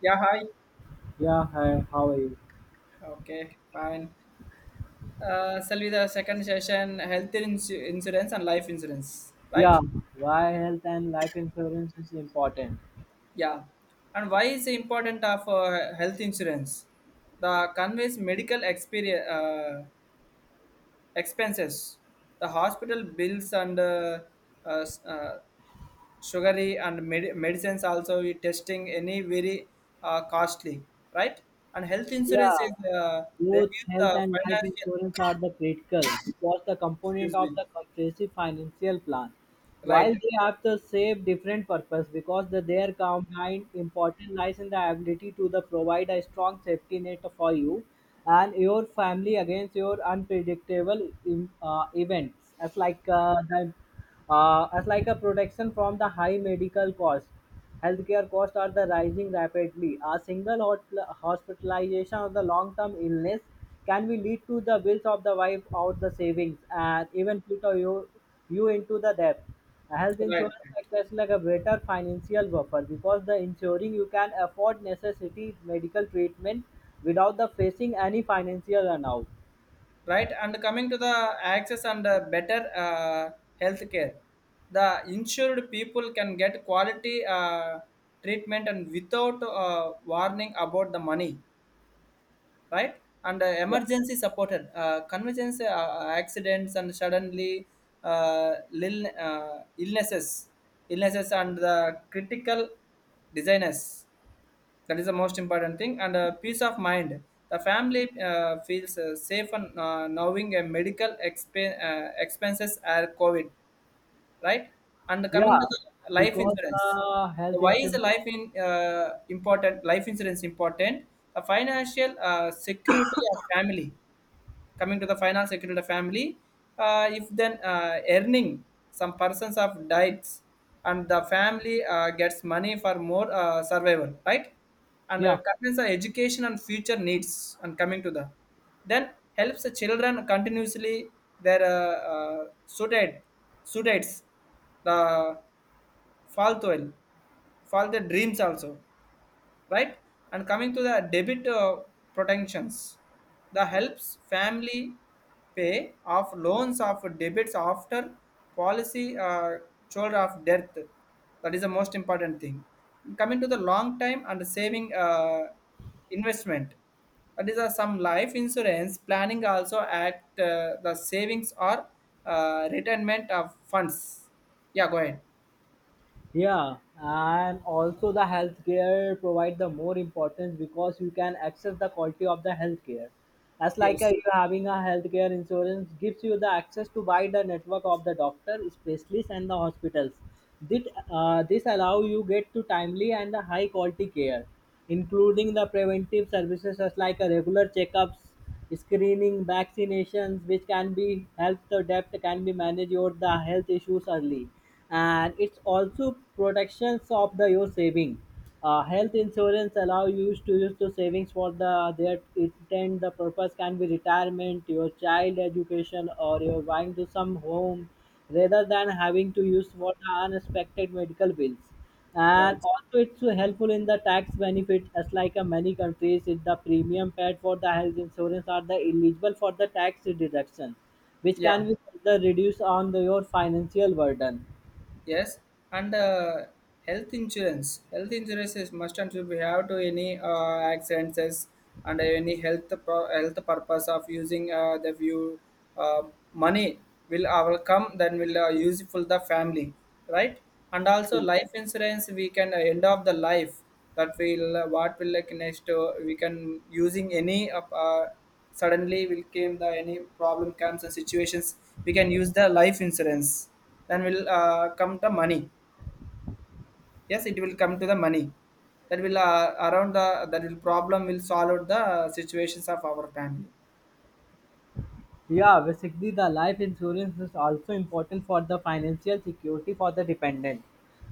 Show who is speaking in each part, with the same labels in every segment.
Speaker 1: Yeah, hi.
Speaker 2: Yeah, hi, how are you?
Speaker 1: Okay, fine. Shall be the second session health insurance and life insurance, right?
Speaker 2: Yeah, why health and life insurance is important?
Speaker 1: Yeah. And why is the important of health insurance? The conveys medical experience, expenses, the hospital bills and uh, s- uh, sugary and medicines also we testing any very costly, right? And health
Speaker 2: Yeah,
Speaker 1: insurance is
Speaker 2: both
Speaker 1: reduce
Speaker 2: health
Speaker 1: the
Speaker 2: and life
Speaker 1: financial,
Speaker 2: insurance are the critical because the component
Speaker 1: excuse
Speaker 2: of
Speaker 1: me,
Speaker 2: the comprehensive financial plan.
Speaker 1: right?
Speaker 2: While they have the same different purpose because the their combined importance lies in the ability to the provide a strong safety net for you and your family against your unpredictable in, events. As like the as like a protection from the high medical cost. Healthcare costs are the rising rapidly. A single hospitalization of the long-term illness can be lead to the bills of the wife out the savings and even put a you into the debt. A health
Speaker 1: Right, right,
Speaker 2: insurance acts as like a better financial buffer because the ensuring you can afford necessity medical treatment without the facing any financial burnout.
Speaker 1: right. And coming to the access and better healthcare, the insured people can get quality treatment and without warning about the money, right? And
Speaker 2: Yeah,
Speaker 1: emergency supported, convenience, accidents, and suddenly uh, lil- uh, illnesses, illnesses, and the critical diseases. That is the most important thing. And peace of mind, the family feels safe and knowing a medical expenses are covid, right? And coming to
Speaker 2: yeah,
Speaker 1: the life
Speaker 2: because
Speaker 1: insurance.
Speaker 2: the
Speaker 1: So
Speaker 2: health
Speaker 1: why is the
Speaker 2: insurance.
Speaker 1: life in uh, important life insurance important? The financial security of family, coming to the finance security of the family, if then earning some persons of diets, and the family gets money for more survival, right? And
Speaker 2: Yeah.
Speaker 1: concerns the education and future needs, and coming to the then helps the children continuously their suited suited the fall to fall the dreams also, right? And coming to the debit protections, the helps family pay off loans of debits after policy shoulder of death. That is the most important thing. Coming to the long time and saving investment, that is some life insurance planning also act the savings or retirement of funds. Yeah, go ahead.
Speaker 2: Yeah, and also the healthcare provide the more importance because you can access the quality of the healthcare. That's like a,
Speaker 1: Yes.
Speaker 2: you having a healthcare insurance gives you the access to buy the network of the doctor, specialists, and the hospitals. This, this allow you get to timely and the high quality care, including the preventive services such like a regular checkups, screening, vaccinations, which can be help the debt can be managed your the health issues early, and it's also protections of the your saving. Health insurance allow you to use the savings for the their intent. The purpose can be retirement, your child education, or your buying to some home, rather than having to use for the unexpected medical bills,
Speaker 1: Right.
Speaker 2: and also it's so helpful in the tax benefit as like many countries if the premium paid for the health insurance are the eligible for the tax deduction, which
Speaker 1: Yeah.
Speaker 2: can be further reduced on the, your financial burden.
Speaker 1: Yes, and health insurance. Health insurance is must and should be have to any accidents and any health health purpose of using the view uh, money will our come, then will use the family, right? And also life insurance we can end of the life, that will what will like next, we can using any of suddenly will came the any problem comes and situations, we can use the life insurance, then will come the money. Yes, it will come to the money, that will around, the that will problem will solve out the situations of our family,
Speaker 2: Yeah, basically the life insurance is also important for the financial security for the dependent.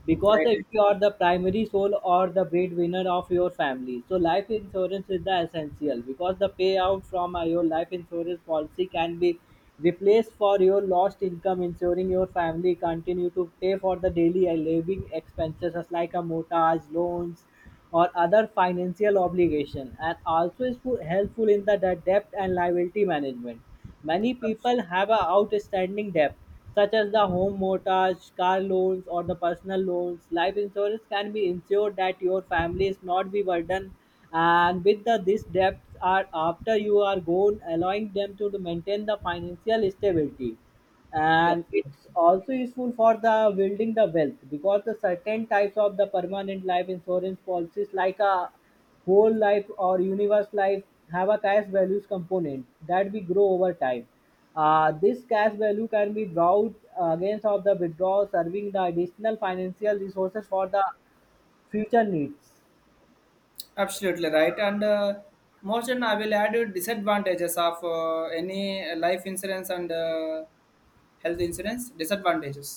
Speaker 2: Because
Speaker 1: right?
Speaker 2: if you are the primary soul or the breadwinner of your family, so life insurance is the essential because the payout from your life insurance policy can be replaced for your lost income, ensuring your family continue to pay for the daily living expenses as like a mortgage, loans, or other financial obligation, and also is helpful in the debt and liability management. Many people have a outstanding debt such as the home mortgage, car loans or the personal loans. Life insurance can be ensured that your family is not be burdened and with the these debts are after you are gone, allowing them to maintain the financial stability.
Speaker 1: Yeah.
Speaker 2: And it's also useful for the building the wealth because the certain types of the permanent life insurance policies like a whole life or universe life have a cash values component that we grow over time. This cash value can be brought against of the withdrawal, serving the additional financial resources for the future needs.
Speaker 1: Absolutely right. And more than I will add you disadvantages of any life insurance and health insurance disadvantages.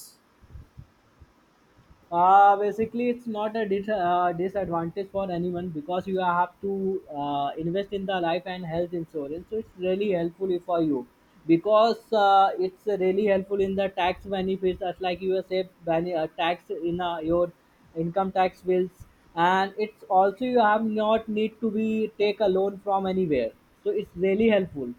Speaker 2: Basically, it's not a disadvantage for anyone because you have to invest in the life and health insurance. So it's really helpful for you because it's really helpful in the tax benefits, as like you say, tax in your income tax bills, and it's also you have not need to be take a loan from anywhere. So it's really helpful.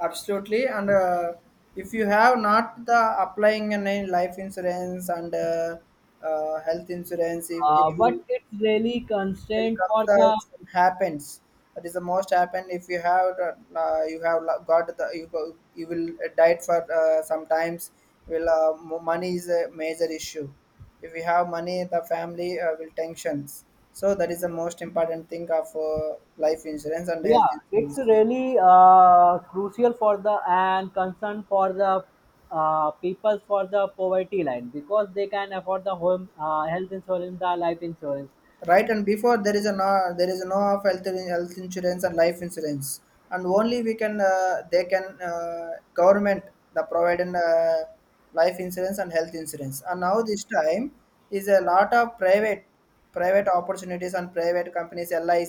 Speaker 1: Absolutely. And if you have not the applying an life insurance and health insurance, it will,
Speaker 2: But it's really
Speaker 1: it will
Speaker 2: constrained
Speaker 1: come,
Speaker 2: for
Speaker 1: the
Speaker 2: the
Speaker 1: happens, that is the most happen. If you have you have got the, you go, you will die for sometimes, will money is a major issue. If you have money, the family will tensions. So that is the most important thing of life insurance and health
Speaker 2: yeah it's
Speaker 1: insurance,
Speaker 2: really crucial for the and concern for the people for the poverty line because they can afford the home health insurance the life insurance.
Speaker 1: right? And before there is a no, there is no of health health insurance and life insurance, and only we can they can government the providing life insurance and health insurance. And now this time is a lot of private, private opportunities and private companies lic,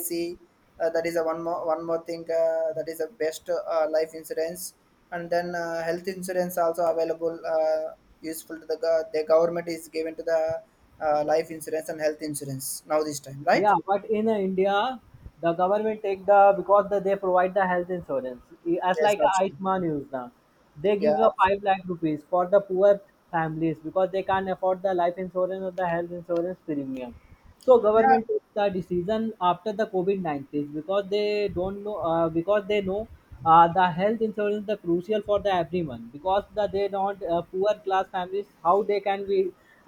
Speaker 1: that is a one more thing, that is a best life insurance, and then health insurance also available useful to the the government is given to the life insurance and health insurance now this time, right?
Speaker 2: Yeah, but in India, the government take the because the, they provide the health insurance as
Speaker 1: Yes,
Speaker 2: like a
Speaker 1: absolutely.
Speaker 2: Ayushman Yojana. They
Speaker 1: Yeah,
Speaker 2: give the
Speaker 1: absolutely.
Speaker 2: ₹5 lakh for the poor families because they can't afford the life insurance or the health insurance premium. So
Speaker 1: Yeah.
Speaker 2: government took the decision after the COVID 19 because they don't know because they know the health insurance is the crucial for the everyone because the they don't poor class families how they can be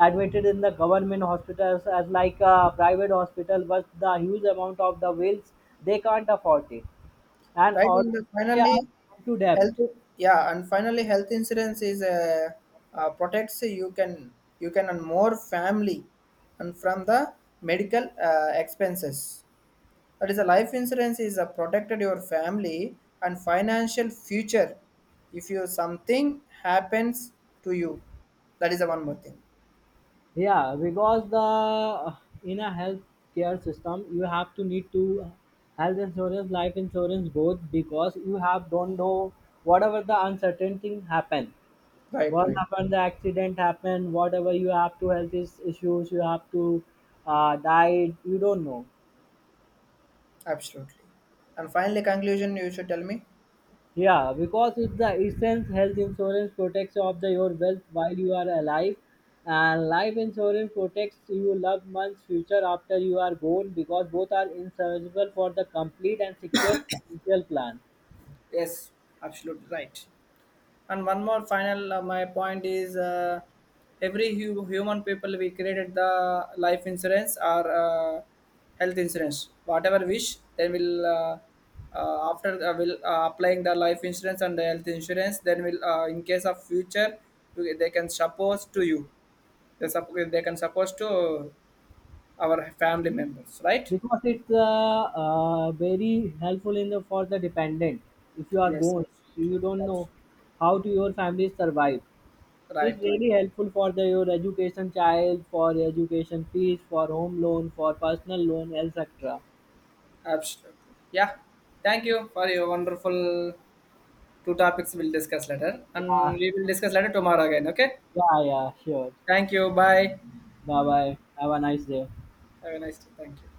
Speaker 2: admitted in the government hospitals as like a private hospital but the huge amount of the bills they can't afford it and
Speaker 1: Right,
Speaker 2: all
Speaker 1: in the
Speaker 2: they
Speaker 1: finally
Speaker 2: are into debt.
Speaker 1: health. Yeah, and finally health insurance is protects. You can, you can and more family and from the medical expenses. That is a life insurance is a protected your family and financial future, if you something happens to you. That is the one more thing.
Speaker 2: Yeah, because the in a health care system you have to need to health insurance life insurance both because you have don't know whatever the uncertain thing happen,
Speaker 1: Right,
Speaker 2: what
Speaker 1: right.
Speaker 2: happened, the accident happened, whatever you have to issues you have to died, you don't know.
Speaker 1: Absolutely. And finally conclusion you should tell me.
Speaker 2: Yeah, because it's the essence health insurance protects of the, your wealth while you are alive, and life insurance protects your loved one's future after you are gone. Because both are inseparable for the complete and secure financial plan.
Speaker 1: Yes, absolutely right. And one more final, my point is, every human people we created the life insurance or health insurance whatever wish, then we'll after will applying the life insurance and the health insurance, then will in case of future, they can suppose to you, they, sup they can suppose to our family members, right?
Speaker 2: Because it's very helpful in the for the dependent. If you are
Speaker 1: Yes,
Speaker 2: gone, so you
Speaker 1: absolutely.
Speaker 2: don't
Speaker 1: Abs-.
Speaker 2: know how to your family survive. So it's
Speaker 1: Right, right.
Speaker 2: really helpful for the your education child, for education fees, for home loan, for personal loan, etc.
Speaker 1: Absolutely. Yeah, thank you for your wonderful. Two topics we'll discuss later, and we will discuss later tomorrow again. Okay.
Speaker 2: Yeah, yeah, sure.
Speaker 1: Thank you. Bye.
Speaker 2: Bye bye. Have a nice day.
Speaker 1: Have a nice day. Thank you.